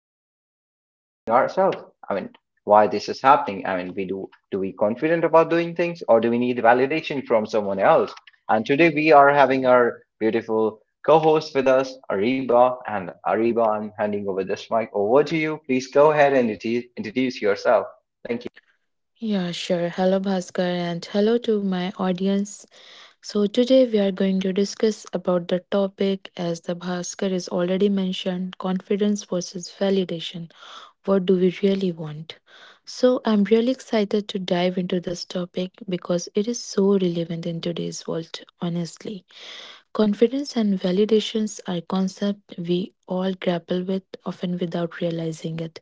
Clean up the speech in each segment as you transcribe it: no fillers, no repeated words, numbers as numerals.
which we should be asking ourselves. I mean, why this is happening? I mean, we do do we confident about doing things, or do we need validation from someone else? And today we are having our beautiful co-hosts with us, Ariba. And Ariba, I'm handing over this mic over to you. Please go ahead and introduce yourself. Thank you. Yeah, sure. Hello, Bhaskar, and hello to my audience. So today we are going to discuss about the topic, as the Bhaskar is already mentioned, confidence versus validation. What do we really want? So I'm really excited to dive into this topic because it is so relevant in today's world, honestly. Confidence and validations are concepts we all grapple with, often without realizing it.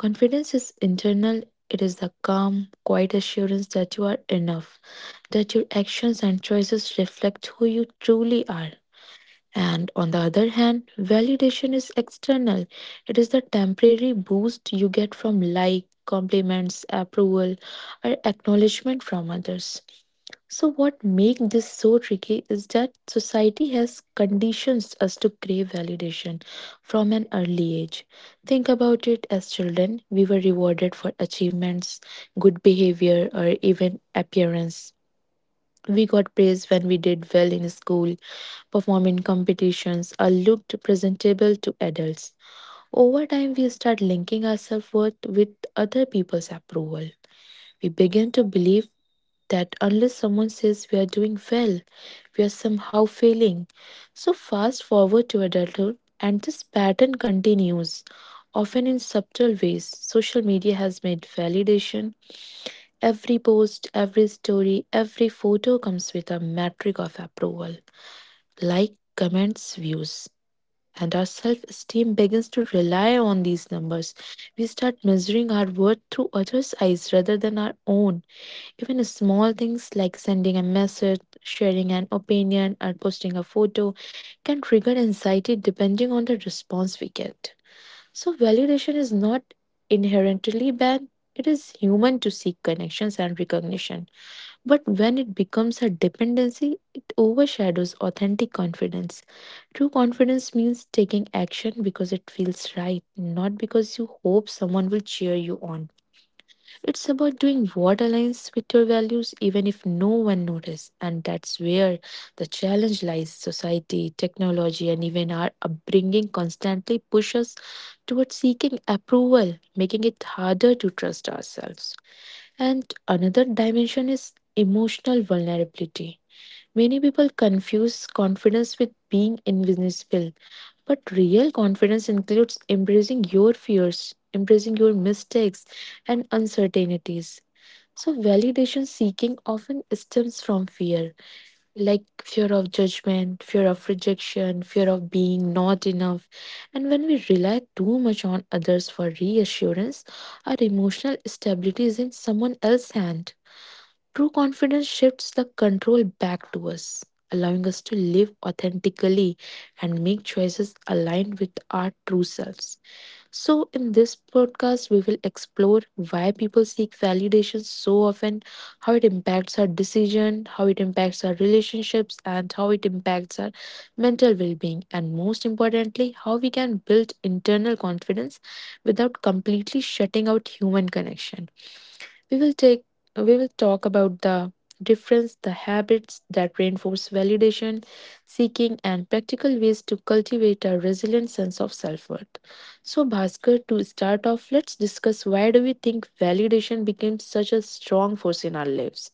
Confidence is internal, it is the calm, quiet assurance that you are enough, that your actions and choices reflect who you truly are. And on the other hand, validation is external. It is the temporary boost you get from like, compliments, approval, or acknowledgement from others. So, what makes this so tricky is that society has conditioned us to crave validation from an early age. Think about it as children, we were rewarded for achievements, good behavior, or even appearance. We got praise when we did well in school, performed in competitions, or looked presentable to adults. Over time, we start linking our self worth with other people's approval. We begin to believe that unless someone says we are doing well, we are somehow failing. So, fast forward to adulthood, and this pattern continues, often in subtle ways. Social media has made validation. Every post, every story, every photo comes with a metric of approval like, comments, views. And our self esteem begins to rely on these numbers. We start measuring our worth through others' eyes rather than our own. Even small things like sending a message, sharing an opinion, or posting a photo can trigger anxiety depending on the response we get. So, validation is not inherently bad. It is human to seek connections and recognition. But when it becomes a dependency, it overshadows authentic confidence. True confidence means taking action because it feels right, not because you hope someone will cheer you on. It's about doing what aligns with your values, even if no one notices. And that's where the challenge lies. Society, technology, and even our upbringing constantly push us towards seeking approval, making it harder to trust ourselves. And another dimension is emotional vulnerability. Many people confuse confidence with being invisible, but real confidence includes embracing your fears, embracing your mistakes and uncertainties, so, validation seeking often stems from fear, like fear of judgment, fear of rejection, fear of being not enough. And when we rely too much on others for reassurance, our emotional stability is in someone else's hand. True confidence shifts the control back to us, allowing us to live authentically and make choices aligned with our true selves. So, in this podcast, we will explore why people seek validation so often, how it impacts our decision, how it impacts our relationships, and how it impacts our mental well being, and most importantly, how we can build internal confidence without completely shutting out human connection. We will take we will talk about the difference, the habits that reinforce validation seeking and practical ways to cultivate a resilient sense of self-worth. So Bhaskar, to start off, let's discuss why do we think validation became such a strong force in our lives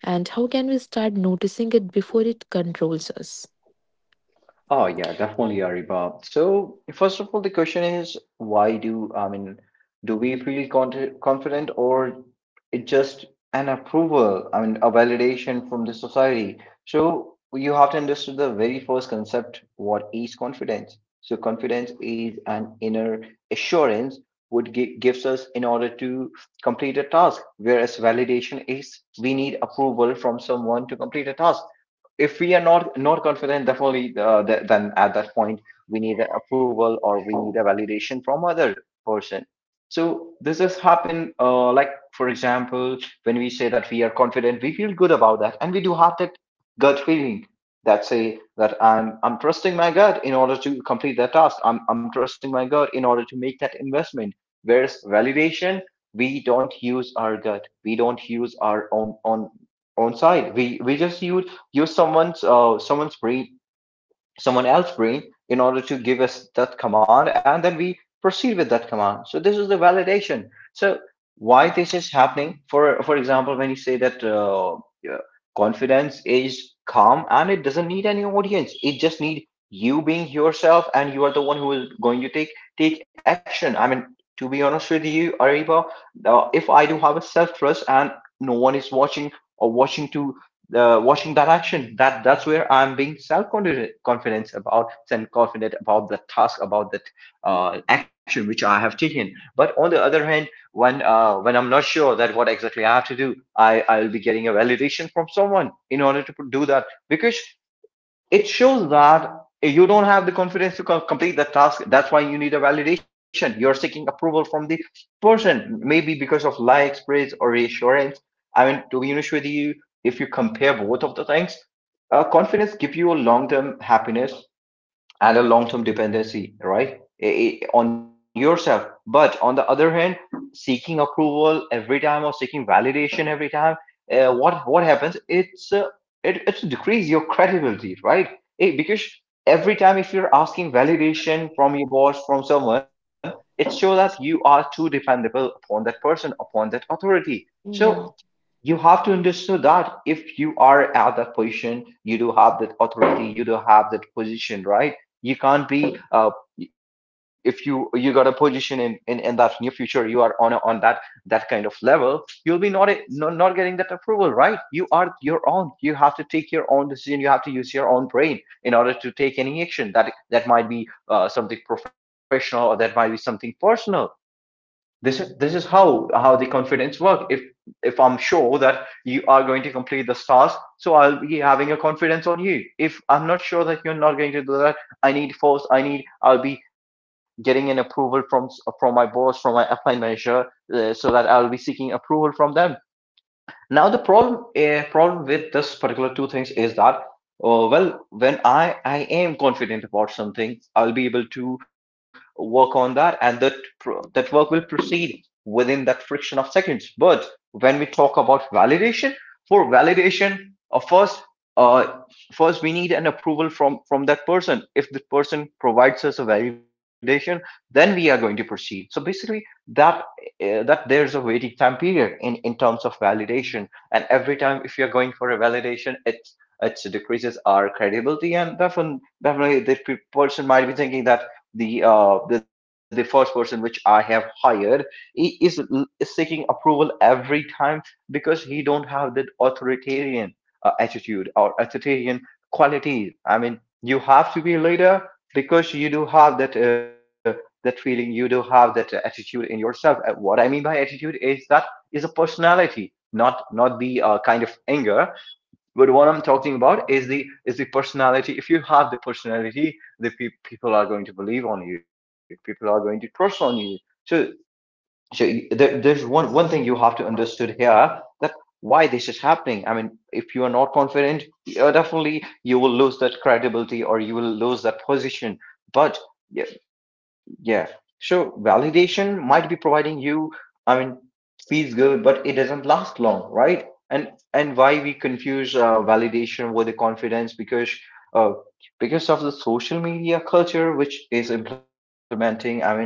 and how can we start noticing it before it controls us? Oh yeah, definitely, Ariba. So first of all, the question is why do I mean do we feel confident or it just an approval? I mean a validation from the society. So you have to understand the very first concept. What is confidence? So confidence is an inner assurance what gives us in order to complete a task, whereas validation is we need approval from someone to complete a task if we are not confident definitely then at that point we need a approval or we need a validation from other person. So this has happened like for example, when we say that we are confident, we feel good about that, and we do have that gut feeling that say that I'm trusting my gut in order to complete that task. I'm trusting my gut in order to make that investment. Whereas validation, we don't use our gut, we don't use our own own side, we just use someone's someone's brain, someone else's brain, in order to give us that command, and then we proceed with that command. So this is the validation. So why this is happening? For example, when you say that yeah, confidence is calm and it doesn't need any audience, it just need you being yourself, and you are the one who is going to take action. I mean, to be honest with you, Ariba, if I do have a self trust and no one is watching or watching to watching that action, that that's where I'm being self-confident about the task, about that action which I have taken. But on the other hand, when when I'm not sure that what exactly I have to do, I'll be getting a validation from someone in order to do that, because it shows that you don't have the confidence to complete the task. That's why you need a validation. You're seeking approval from the person, maybe because of likes, praise, or reassurance. I mean, to be honest with you, if you compare both of the things, confidence give you a long-term happiness and a long-term dependency, right? On yourself. But on the other hand, seeking approval every time or seeking validation every time, what happens? It's decrease your credibility, right? Because every time if you're asking validation from your boss, from someone, it shows that you are too dependable upon that person, upon that authority. So you have to understand that if you are at that position, you do have that authority, you do have that position, right? You can't be if you got a position in in that near future, you are on a, on that that kind of level, you'll be not, a, not getting that approval, right? You are your own. You have to take your own decision. You have to use your own brain in order to take any action, that that might be something professional, or that might be something personal. This is how the confidence work. If I'm sure that you are going to complete the task, so I'll be having a confidence on you. If I'm not sure that you're not going to do that, I need force I need I'll be getting an approval from my boss, from my upline manager, so that I'll be seeking approval from them. Now the problem with this particular two things is that well, when I am confident about something, I'll be able to work on that, and that that work will proceed within that friction of seconds. But when we talk about validation, for validation, uh, first uh, first we need an approval from that person. If the person provides us a validation, then we are going to proceed. So basically that that there's a waiting time period in terms of validation, and every time if you're going for a validation, it's it decreases our credibility and definitely definitely the person might be thinking that the first person which I have hired, he is, seeking approval every time, because he don't have that authoritarian attitude or authoritarian qualities. I mean, you have to be a leader, because you do have that that feeling, you do have that attitude in yourself. What I mean by attitude is that is a personality, not the kind of anger, but what I'm talking about is the personality. If you have the personality, the people are going to believe on you, people are going to trust on you. So so you, there, there's one thing you have to understood here, that why this is happening. I mean, if you are not confident, definitely you will lose that credibility or you will lose that position. But yeah, yeah, so validation might be providing you, I mean, feels good, but it doesn't last long, right? And why we confuse validation with the confidence? Because uh, because of the social media culture which is implementing. I mean, uh,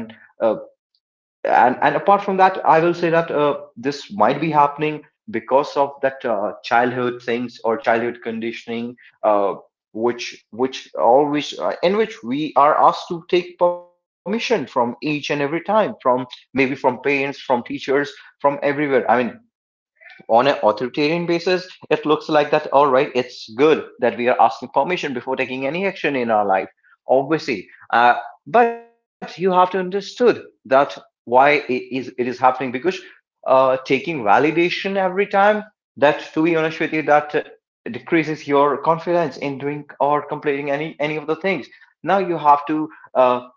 and apart from that, I will say that this might be happening because of that childhood things or childhood conditioning, uh, which always in which we are asked to take permission from each and every time, from maybe from parents, from teachers, from everywhere. I mean, on an authoritarian basis, it looks like that, all right, it's good that we are asking permission before taking any action in our life, obviously. But you have to understood that why it is happening. Because taking validation every time, that, to be honest with you, that decreases your confidence in doing or completing any of the things. Now you have to uh,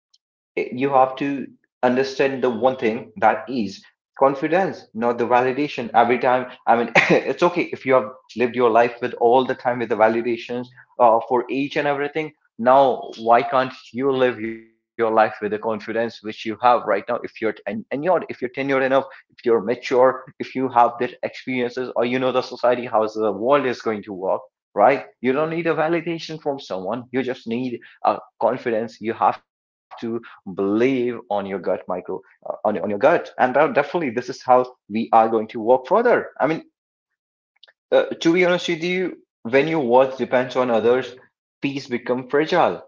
You have to understand the one thing, that is confidence, not the validation every time. I mean, it's okay if you have lived your life with all the time with the validations, for each and everything. Now why can't you live your life with the confidence which you have right now, if you're and you're, if you're tenured enough, if you're mature, if you have that experiences, or you know the society, how the world is going to work, right? You don't need a validation from someone, you just need a confidence. You have to believe on your gut micro, on your gut. And definitely this is how we are going to work further. I mean, to be honest with you, when your worth depends on others, peace become fragile.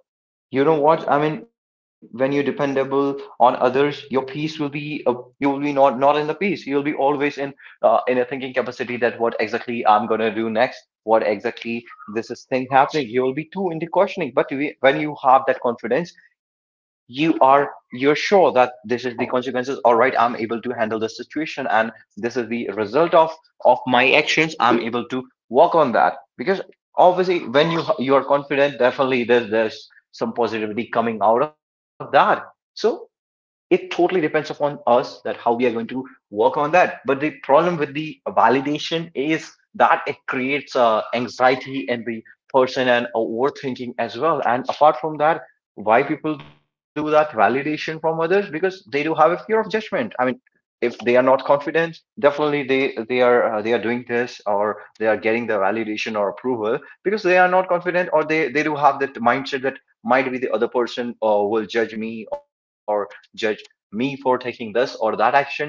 You know what? I mean, when you're dependable on others, your peace will be you will be not in the peace. You'll be always in a thinking capacity, that what exactly I'm gonna do next, what exactly this is thing happening. You will be too into questioning. But we, when you have that confidence, you are you're sure that this is the consequences. All right, I'm able to handle the situation, and this is the result of my actions. I'm able to work on that. Because obviously, when you are confident, definitely there's some positivity coming out of that. So it totally depends upon us that how we are going to work on that. But the problem with the validation is that it creates anxiety in the person and overthinking as well. And apart from that, why people do that validation from others? Because they do have a fear of judgment. I mean, if they are not confident definitely they are they are doing this, or they are getting the validation or approval because they are not confident, or they do have that mindset that might be the other person will judge me or judge me for taking this or that action. And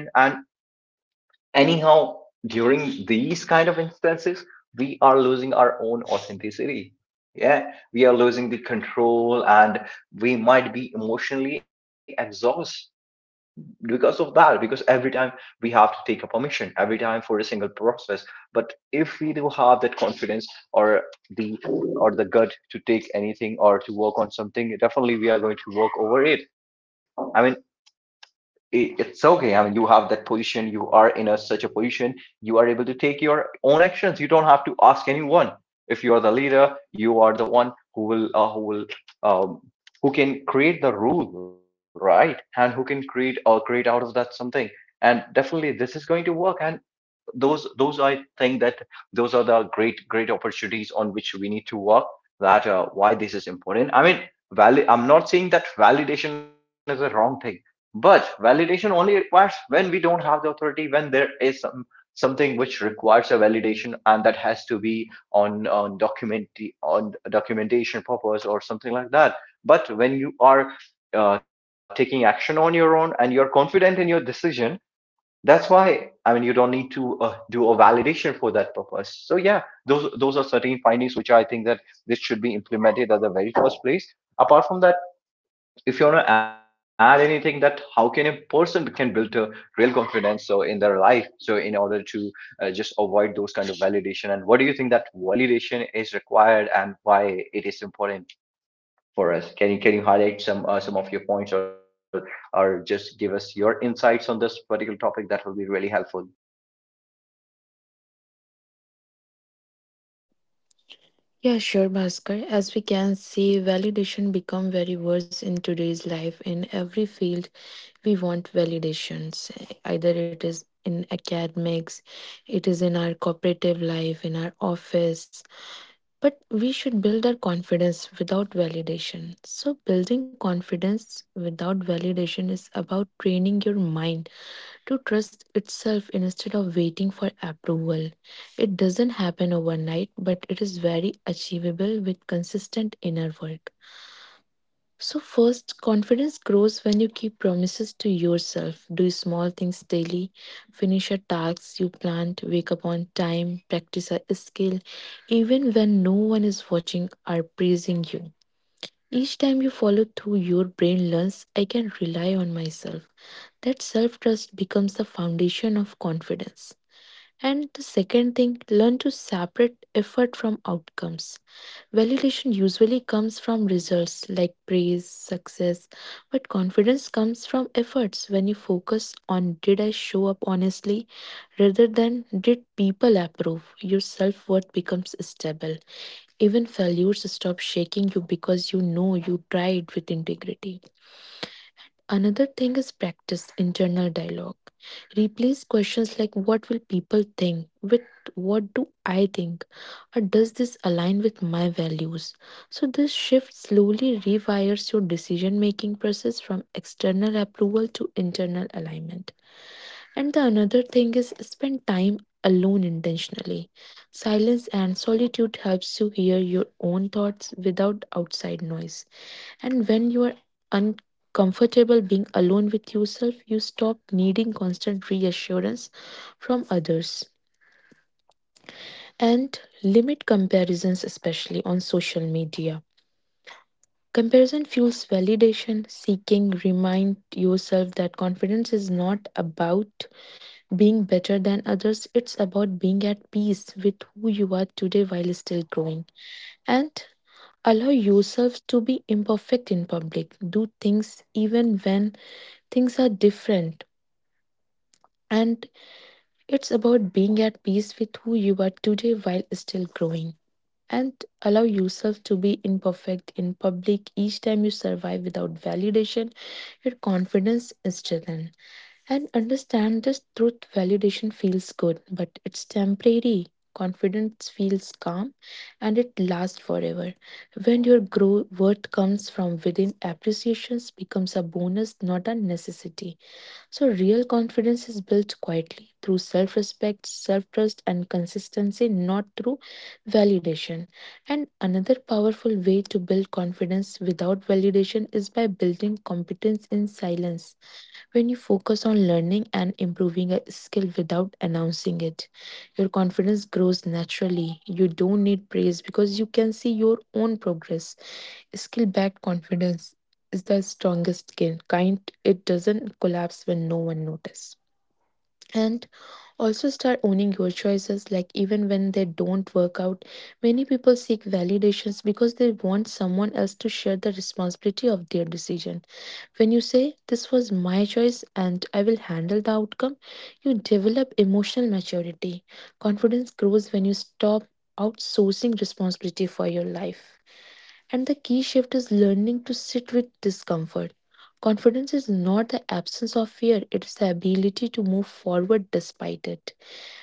anyhow, during these kind of instances, we are losing our own authenticity. Yeah, we are losing the control, and we might be emotionally exhausted because of that, because every time we have to take a permission, every time for a single process. But if we do have that confidence, or the or the gut to take anything or to work on something, definitely we are going to work over it. I mean, it's okay, I mean, you have that position, you are in a such a position, you are able to take your own actions, you don't have to ask anyone. If you are the leader, you are the one who will who will um, who can create the rule, right? And who can create or create out of that something. And definitely this is going to work. And those I think that those are the great opportunities on which we need to work. That why this is important. I mean, valid. I'm not saying that validation is a wrong thing, but validation only requires when we don't have the authority, when there is some something which requires a validation, and that has to be on document, on documentation purpose or something like that. But when you are taking action on your own and you're confident in your decision, that's why, I mean, you don't need to do a validation for that purpose. So yeah, those are certain findings which I think that this should be implemented at the very first place. Apart from that, if you want to add anything that how can a person can build a real confidence so in their life, so in order to just avoid those kind of validation, and what do you think that validation is required and why it is important for us? Can you highlight some of your points, or just give us your insights on this particular topic? That will be really helpful. Yeah, sure, Bhaskar. As we can see, validation become very worse in today's life. In every field, we want validations. Either it is in academics, it is in our cooperative life, in our office. But we should build our confidence without validation. So building confidence without validation is about training your mind to trust itself instead of waiting for approval. It doesn't happen overnight, but it is very achievable with consistent inner work. So, first, confidence grows when you keep promises to yourself. Do small things daily, finish your tasks you planned, wake up on time, practice a skill, even when no one is watching or praising you. Each time you follow through, your brain learns I can rely on myself. That self trust becomes the foundation of confidence. And the second thing, learn to separate effort from outcomes. Validation usually comes from results like praise, success, but confidence comes from efforts when you focus on did I show up honestly rather than did people approve. Your self worth becomes stable. Even failures stop shaking you because you know you tried with integrity. Another thing is practice internal dialogue. Replace questions like what will people think with what do I think or does this align with my values. So this shift slowly rewires your decision making process from external approval to internal alignment. And the another thing is spend time alone intentionally. Silence and solitude helps you hear your own thoughts without outside noise. And when you are uncomfortable being alone with yourself, you stop needing constant reassurance from others and limit comparisons, especially on social media. Comparison fuels validation, seeking, remind yourself that confidence is not about being better than others, it's about being at peace with who you are today while still growing. And allow yourself to be imperfect in public, do things even when things are different. And it's about being at peace with who you are today while still growing. And allow yourself to be imperfect in public each time you survive without validation, your confidence is strengthened. And understand this truth validation feels good, but it's temporary. Confidence feels calm and it lasts forever. When your grow worth comes from within, appreciations becomes a bonus, not a necessity. So, real confidence is built quietly through self respect, self trust, and consistency, not through validation. And another powerful way to build confidence without validation is by building competence in silence. When you focus on learning and improving a skill without announcing it, your confidence grows naturally. You don't need praise because you can see your own progress. Skill backed confidence is the strongest skill, kind it doesn't collapse when no one notices. And also start owning your choices, like even when they don't work out. Many people seek validations because they want someone else to share the responsibility of their decision. When you say, this was my choice and I will handle the outcome, you develop emotional maturity. Confidence grows when you stop outsourcing responsibility for your life. And the key shift is learning to sit with discomfort. Confidence is not the absence of fear, it is the ability to move forward despite it.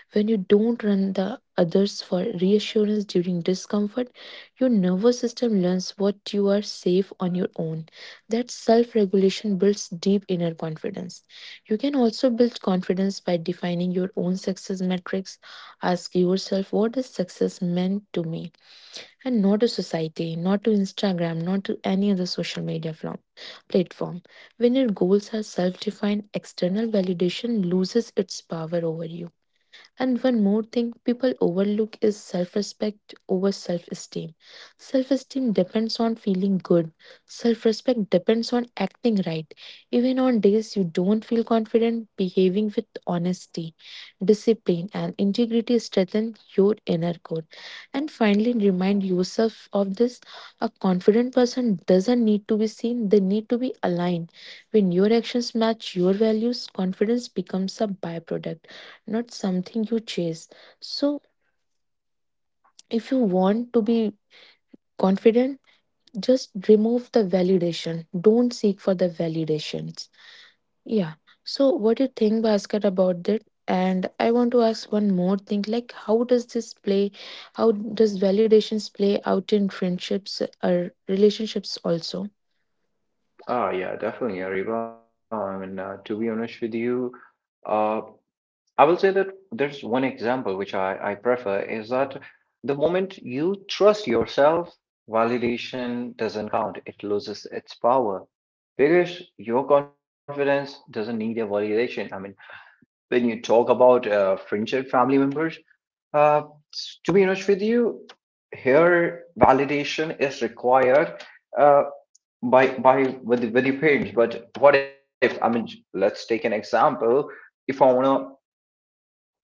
When you don't run the others for reassurance during discomfort, your nervous system learns what you are safe on your own. That self regulation builds deep inner confidence. You can also build confidence by defining your own success metrics. Ask yourself, what does success mean to me? And not to society, not to Instagram, not to any other social media form, platform. When your goals are self defined, external validation loses its power over you. And one more thing people overlook is self respect over self esteem. Self esteem depends on feeling good, self respect depends on acting right. Even on days you don't feel confident, behaving with honesty, discipline, and integrity strengthen your inner core. And finally, remind yourself of this, a confident person doesn't need to be seen, they need to be aligned. When your actions match your values, confidence becomes a byproduct not something you chase. So, if you want to be confident, just remove the validation. Don't seek for the validations. Yeah. So, what do you think, Bhaskar, about that? And I want to ask one more thing like, how does this play? How does validations play out in friendships or relationships also? Ah, yeah, definitely, Ariba. I mean, to be honest with you, uh, I will say that there's one example which I prefer is that the moment you trust yourself, validation doesn't count. It loses its power because your confidence doesn't need a validation. I mean, when you talk about friendship, family members, uh, to be honest with you, here validation is required. Uh, by with the page. But what if, I mean, let's take an example. If I want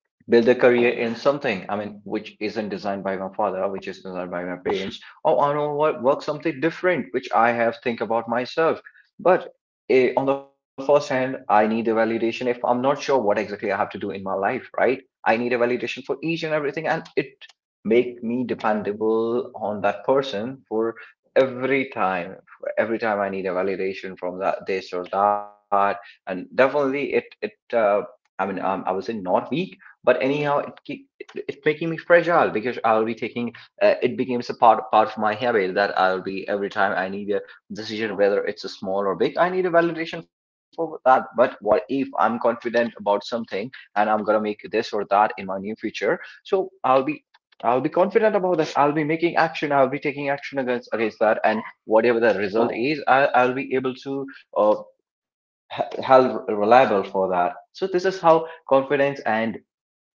build a career in something, I mean which isn't designed by my father, which is designed by my parents, or I know what work something different which I have think about myself, but on the first hand I need a validation. If I'm not sure what exactly I have to do in my life, right, I need a validation for each and everything, and it make me dependable on that person for every time, for every time I need a validation from that, this or that. And definitely it I mean, I would say not weak, but anyhow it keep, it, it's making me fragile because I'll be taking it becomes a part of my habit that I'll be, every time I need a decision, whether it's a small or big, I need a validation for that. But what if I'm confident about something and I'm gonna make this or that in my near future, so I'll be, I'll be confident about that. I'll be making action. I'll be taking action against that, and whatever the result is, I'll be able to uh, held reliable for that. So this is how confidence and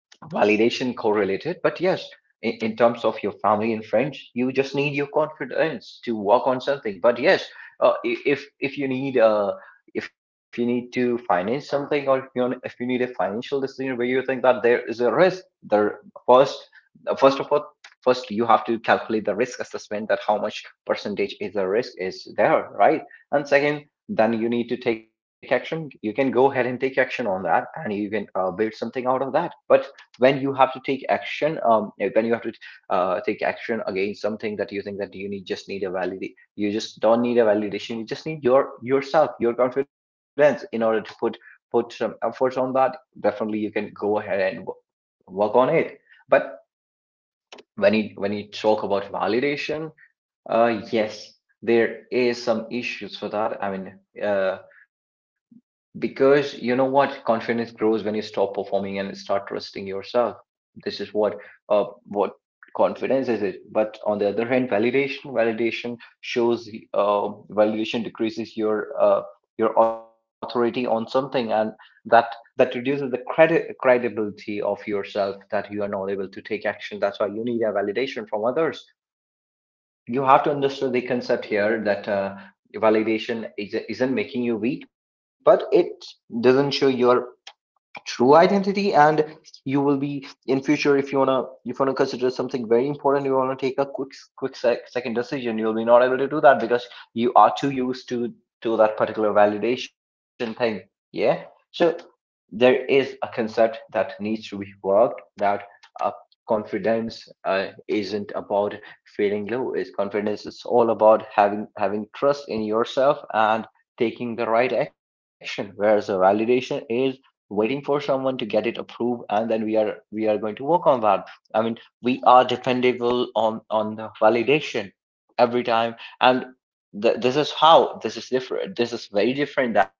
validation correlated. But yes, in terms of your family and friends, you just need your confidence to work on something. But yes, uh, i- if if you need uh if you need to finance something, or if you need a financial decision where you think that there is a risk there, first, first of all, first you have to calculate the risk assessment, that how much percentage is the risk is there, right? And second, then you need to take action. You can go ahead and take action on that, and you can build something out of that. But when you have to take action when you have to take action against something, that you think that you need just need a valid, you just don't need a validation, you just need your yourself, your confidence, in order to put put some efforts on that. Definitely you can go ahead and work on it. But when you talk about validation, yes, there is some issues for that, I mean, uh because you know what, confidence grows when you stop performing and start trusting yourself. This is what confidence is it. But on the other hand, validation shows validation decreases your authority on something, and that that reduces the credit, credibility of yourself, that you are not able to take action, that's why you need a validation from others. You have to understand the concept here that validation is, isn't making you weak, but it doesn't show your true identity. And you will be in future, if you wanna, if you wanna consider something very important, you wanna take a quick second decision, you'll be not able to do that because you are too used to that particular validation thing. Yeah. So there is a concept that needs to be worked, that uh, confidence isn't about feeling low is, confidence is all about having having trust in yourself and taking the right action, whereas the validation is waiting for someone to get it approved, and then we are going to work on that. I mean, we are dependable on the validation every time. And this is how this is different, this is very different than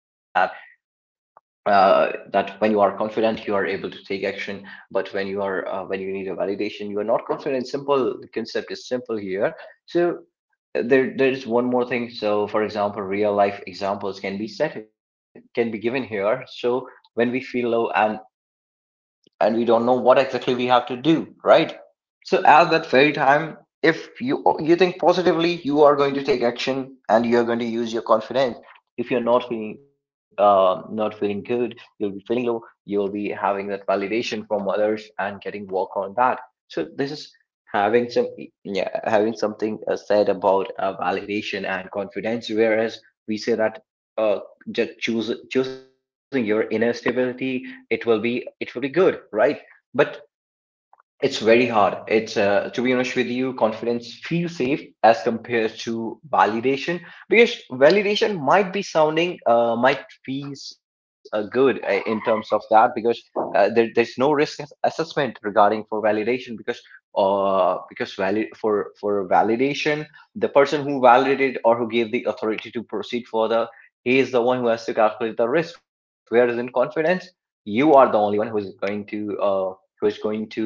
that. When you are confident, you are able to take action, but when you are when you need a validation, you are not confident. Simple, the concept is simple here. So there there is one more thing. So for example, real life examples can be set, can be given here. So when we feel low and we don't know what exactly we have to do, right? So at that very time, if you you think positively, you are going to take action and you are going to use your confidence. If you're not feeling not feeling good, you'll be feeling low. You'll be having that validation from others and getting work on that. So this is having some, yeah, having something said about validation and confidence. Whereas we say that uh, just choose, choosing your inner stability, it will be, it will be good, right? But it's very hard. It's to be honest with you, confidence feels safe as compared to validation, because validation might be sounding might feels good in terms of that, because there there's no risk assessment regarding for validation, because valid, for validation, the person who validated or who gave the authority to proceed further, he is the one who has to calculate the risk. Whereas in confidence, you are the only one who is going to uh who is going to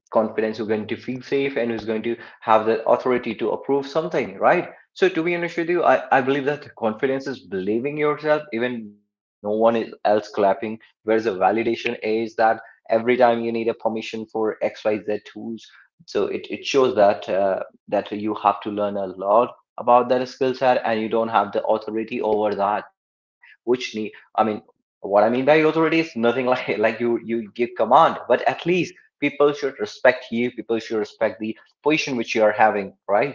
confidence, who's going to feel safe and who's going to have the authority to approve something, right? So to be honest with you, I believe that confidence is believing yourself even no one is else clapping, whereas the validation is that every time you need a permission for xyz tools. So it shows that that you have to learn a lot about that skill set and you don't have the authority over that, which need, I mean, what I mean by authority is nothing like you give command, but at least people should respect you, people should respect the position which you are having, right?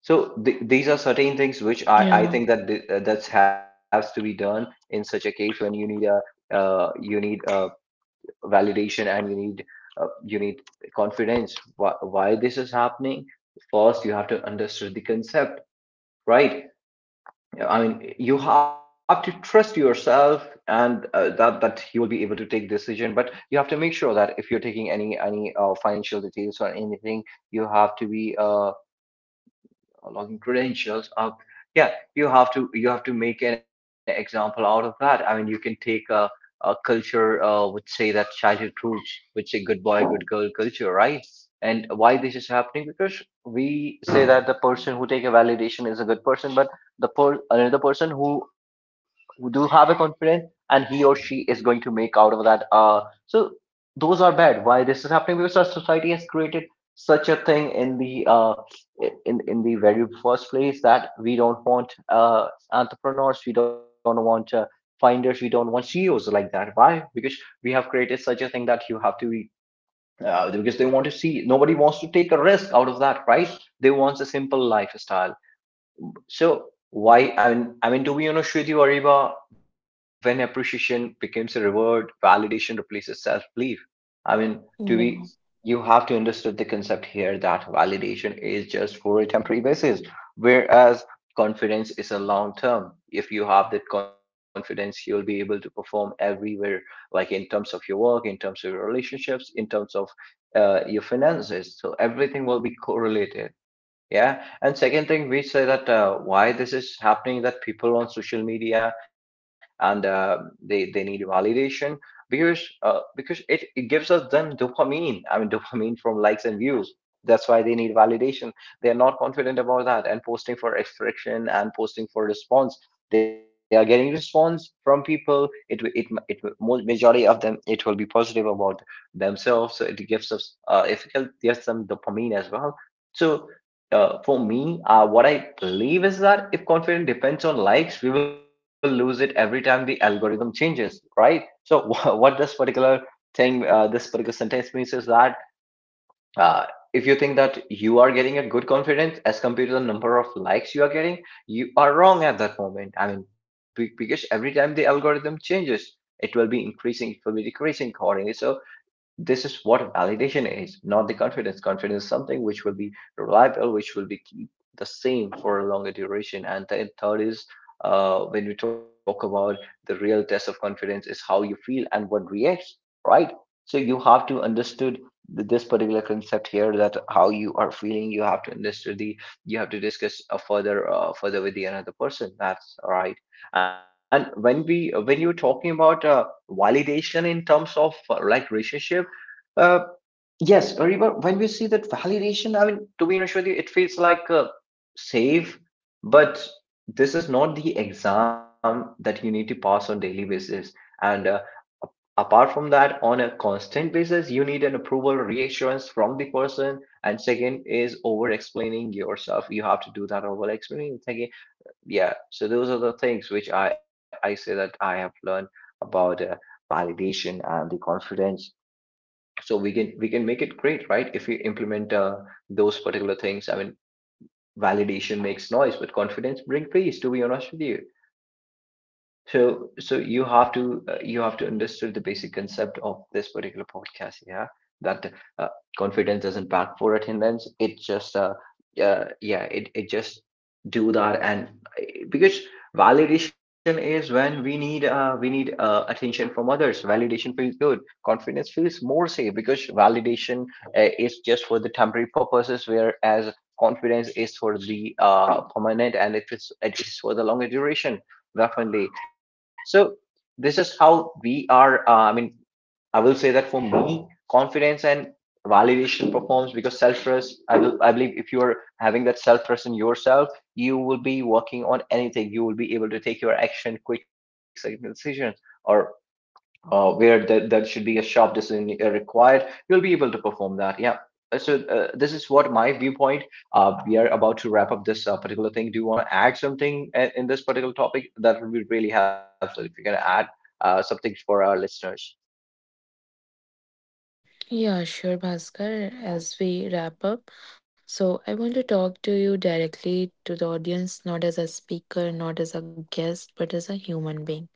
So these are certain things which I Yeah. think that that has to be done in such a case when you need a validation and you need confidence. Why this is happening? First you have to understand the concept, right? I mean, you have to trust yourself, and that that you will be able to take decision. But you have to make sure that if you're taking any financial details or anything, you have to be login credentials up, yeah, you have to make an example out of that. I mean, you can take a culture would say that childhood rules, which say good boy good girl culture, right? And why this is happening? Because we say that the person who take a validation is a good person, but another person who do have a confidence and he or she is going to make out of that, so those are bad. Why this is happening? Because our society has created such a thing in the very first place, that we don't want entrepreneurs, we don't want finders, we don't want CEOs like that. Why? Because we have created such a thing that you have to be. Because they want to see, nobody wants to take a risk out of that, right? They want a simple lifestyle. So why, I mean to be honest with you, Ariba, when appreciation becomes a reward, validation replaces self-belief. I mean, to be, Yeah. you have to understand the concept here that validation is just for a temporary basis, whereas confidence is a long term. If you have that confidence, you'll be able to perform everywhere, like in terms of your work, in terms of your relationships, in terms of your finances. So everything will be correlated. Yeah, and second thing we say that why this is happening, that people on social media and they need validation because it gives us them dopamine. I mean dopamine from likes and views. That's why they need validation. They are not confident about that, and posting for expression and posting for response. They are getting response from people. It will majority of them it will be positive about themselves. So it gives us it gives them dopamine as well. So for me, what I believe is that if confidence depends on likes, we will lose it every time the algorithm changes, right? So what this particular thing, this particular sentence means is that, uh, if you think that you are getting a good confidence as compared to the number of likes you are getting, you are wrong at that moment. I mean, because every time the algorithm changes, it will be increasing, it will be decreasing accordingly. So this is what validation is, not the confidence. Confidence is something which will be reliable, which will be keep the same for a longer duration. And then third is, when we talk about the real test of confidence is how you feel and what reacts, right? So you have to understood this particular concept here, that how you are feeling. You have to understand the. You have to discuss further further with the another person. That's right. And when we when you're talking about validation in terms of like relationship, uh, yes, Ariba, when we see that validation, I mean, to be honest with you, it feels like a save, but this is not the exam that you need to pass on daily basis. And apart from that, on a constant basis, you need an approval reassurance from the person. And second is over explaining yourself. You have to do that over explaining. Again, yeah. So those are the things which I say that I have learned about validation and the confidence. So we can make it great, right, if we implement those particular things. I mean, validation makes noise but confidence brings peace, to be honest with you. So, so you have to understand the basic concept of this particular podcast, yeah. That uh, confidence doesn't back for attendance. It just, yeah, it just do that, and uh, because validation is when we need attention from others. Validation feels good. Confidence feels more safe, because validation is just for the temporary purposes, whereas confidence is for the permanent, and it is for the longer duration. Definitely. So this is how we are. I mean, I will say that for me, confidence and validation performs because self trust. I will. I believe if you are having that self trust in yourself, you will be working on anything. You will be able to take your action, quick second decisions, or where there should be a sharp decision required, you'll be able to perform that. Yeah. So this is what my viewpoint. We are about to wrap up this particular thing. Do you want to add something in this particular topic? That would be really helpful if you can add something for our listeners. Yeah, sure, Bhaskar. As we wrap up, so I want to talk to you directly to the audience, not as a speaker, not as a guest, but as a human being.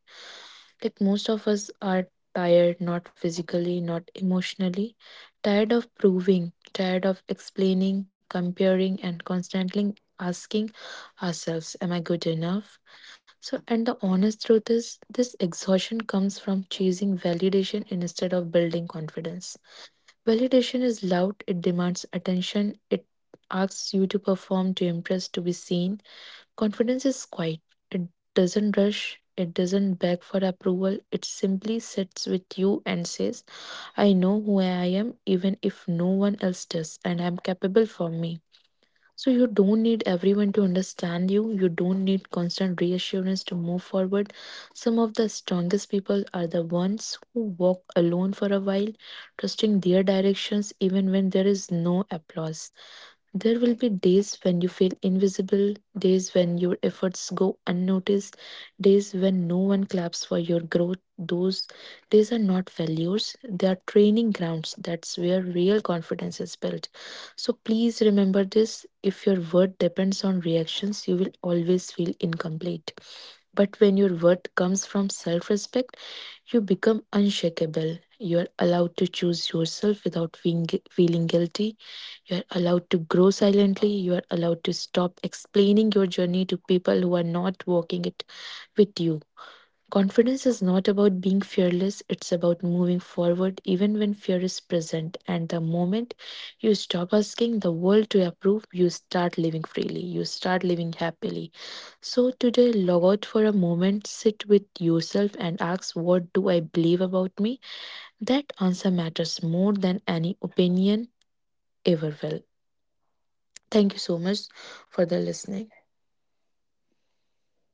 Like most of us are tired, not physically, not emotionally, tired of proving, tired of explaining, comparing, and constantly asking ourselves, am I good enough? So, and the honest truth is, this exhaustion comes from chasing validation instead of building confidence. Validation is loud, it demands attention, it asks you to perform, to impress, to be seen. Confidence is quiet, it doesn't rush, it doesn't beg for approval, it simply sits with you and says, I know who I am, even if no one else does, and I'm capable for me. So you don't need everyone to understand you. You don't need constant reassurance to move forward. Some of the strongest people are the ones who walk alone for a while, trusting their directions even when there is no applause. There will be days when you feel invisible, days when your efforts go unnoticed, days when no one claps for your growth. Those days are not failures, they are training grounds. That's where real confidence is built. So please remember this, if your worth depends on reactions, you will always feel incomplete. But when your worth comes from self respect, you become unshakable. You are allowed to choose yourself without feeling guilty. You're allowed to grow silently. You're allowed to stop explaining your journey to people who are not walking it with you. Confidence is not about being fearless, it's about moving forward even when fear is present. And the moment you stop asking the world to approve, you start living freely, you start living happily. So today, log out for a moment, sit with yourself, and ask, what do I believe about me? That answer matters more than any opinion ever will. Thank you so much for the listening.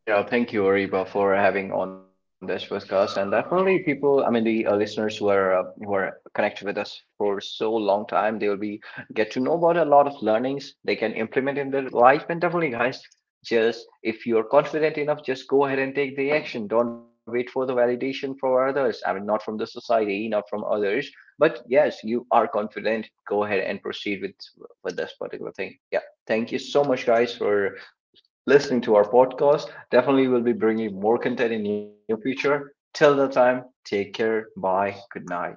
Yeah, thank you, Ariba, for having on this podcast. And definitely, people, I mean, the listeners who are connected with us for so long time, they will be get to know about a lot of learnings they can implement in their life. And definitely, guys, just if you're confident enough, just go ahead and take the action. Don't wait for the validation from others. I mean, not from the society, not from others. But yes, you are confident. Go ahead and proceed with this particular thing. Yeah, thank you so much, guys, for listening to our podcast. Definitely, we'll be bringing more content in the near future. Till that time, take care. Bye. Good night.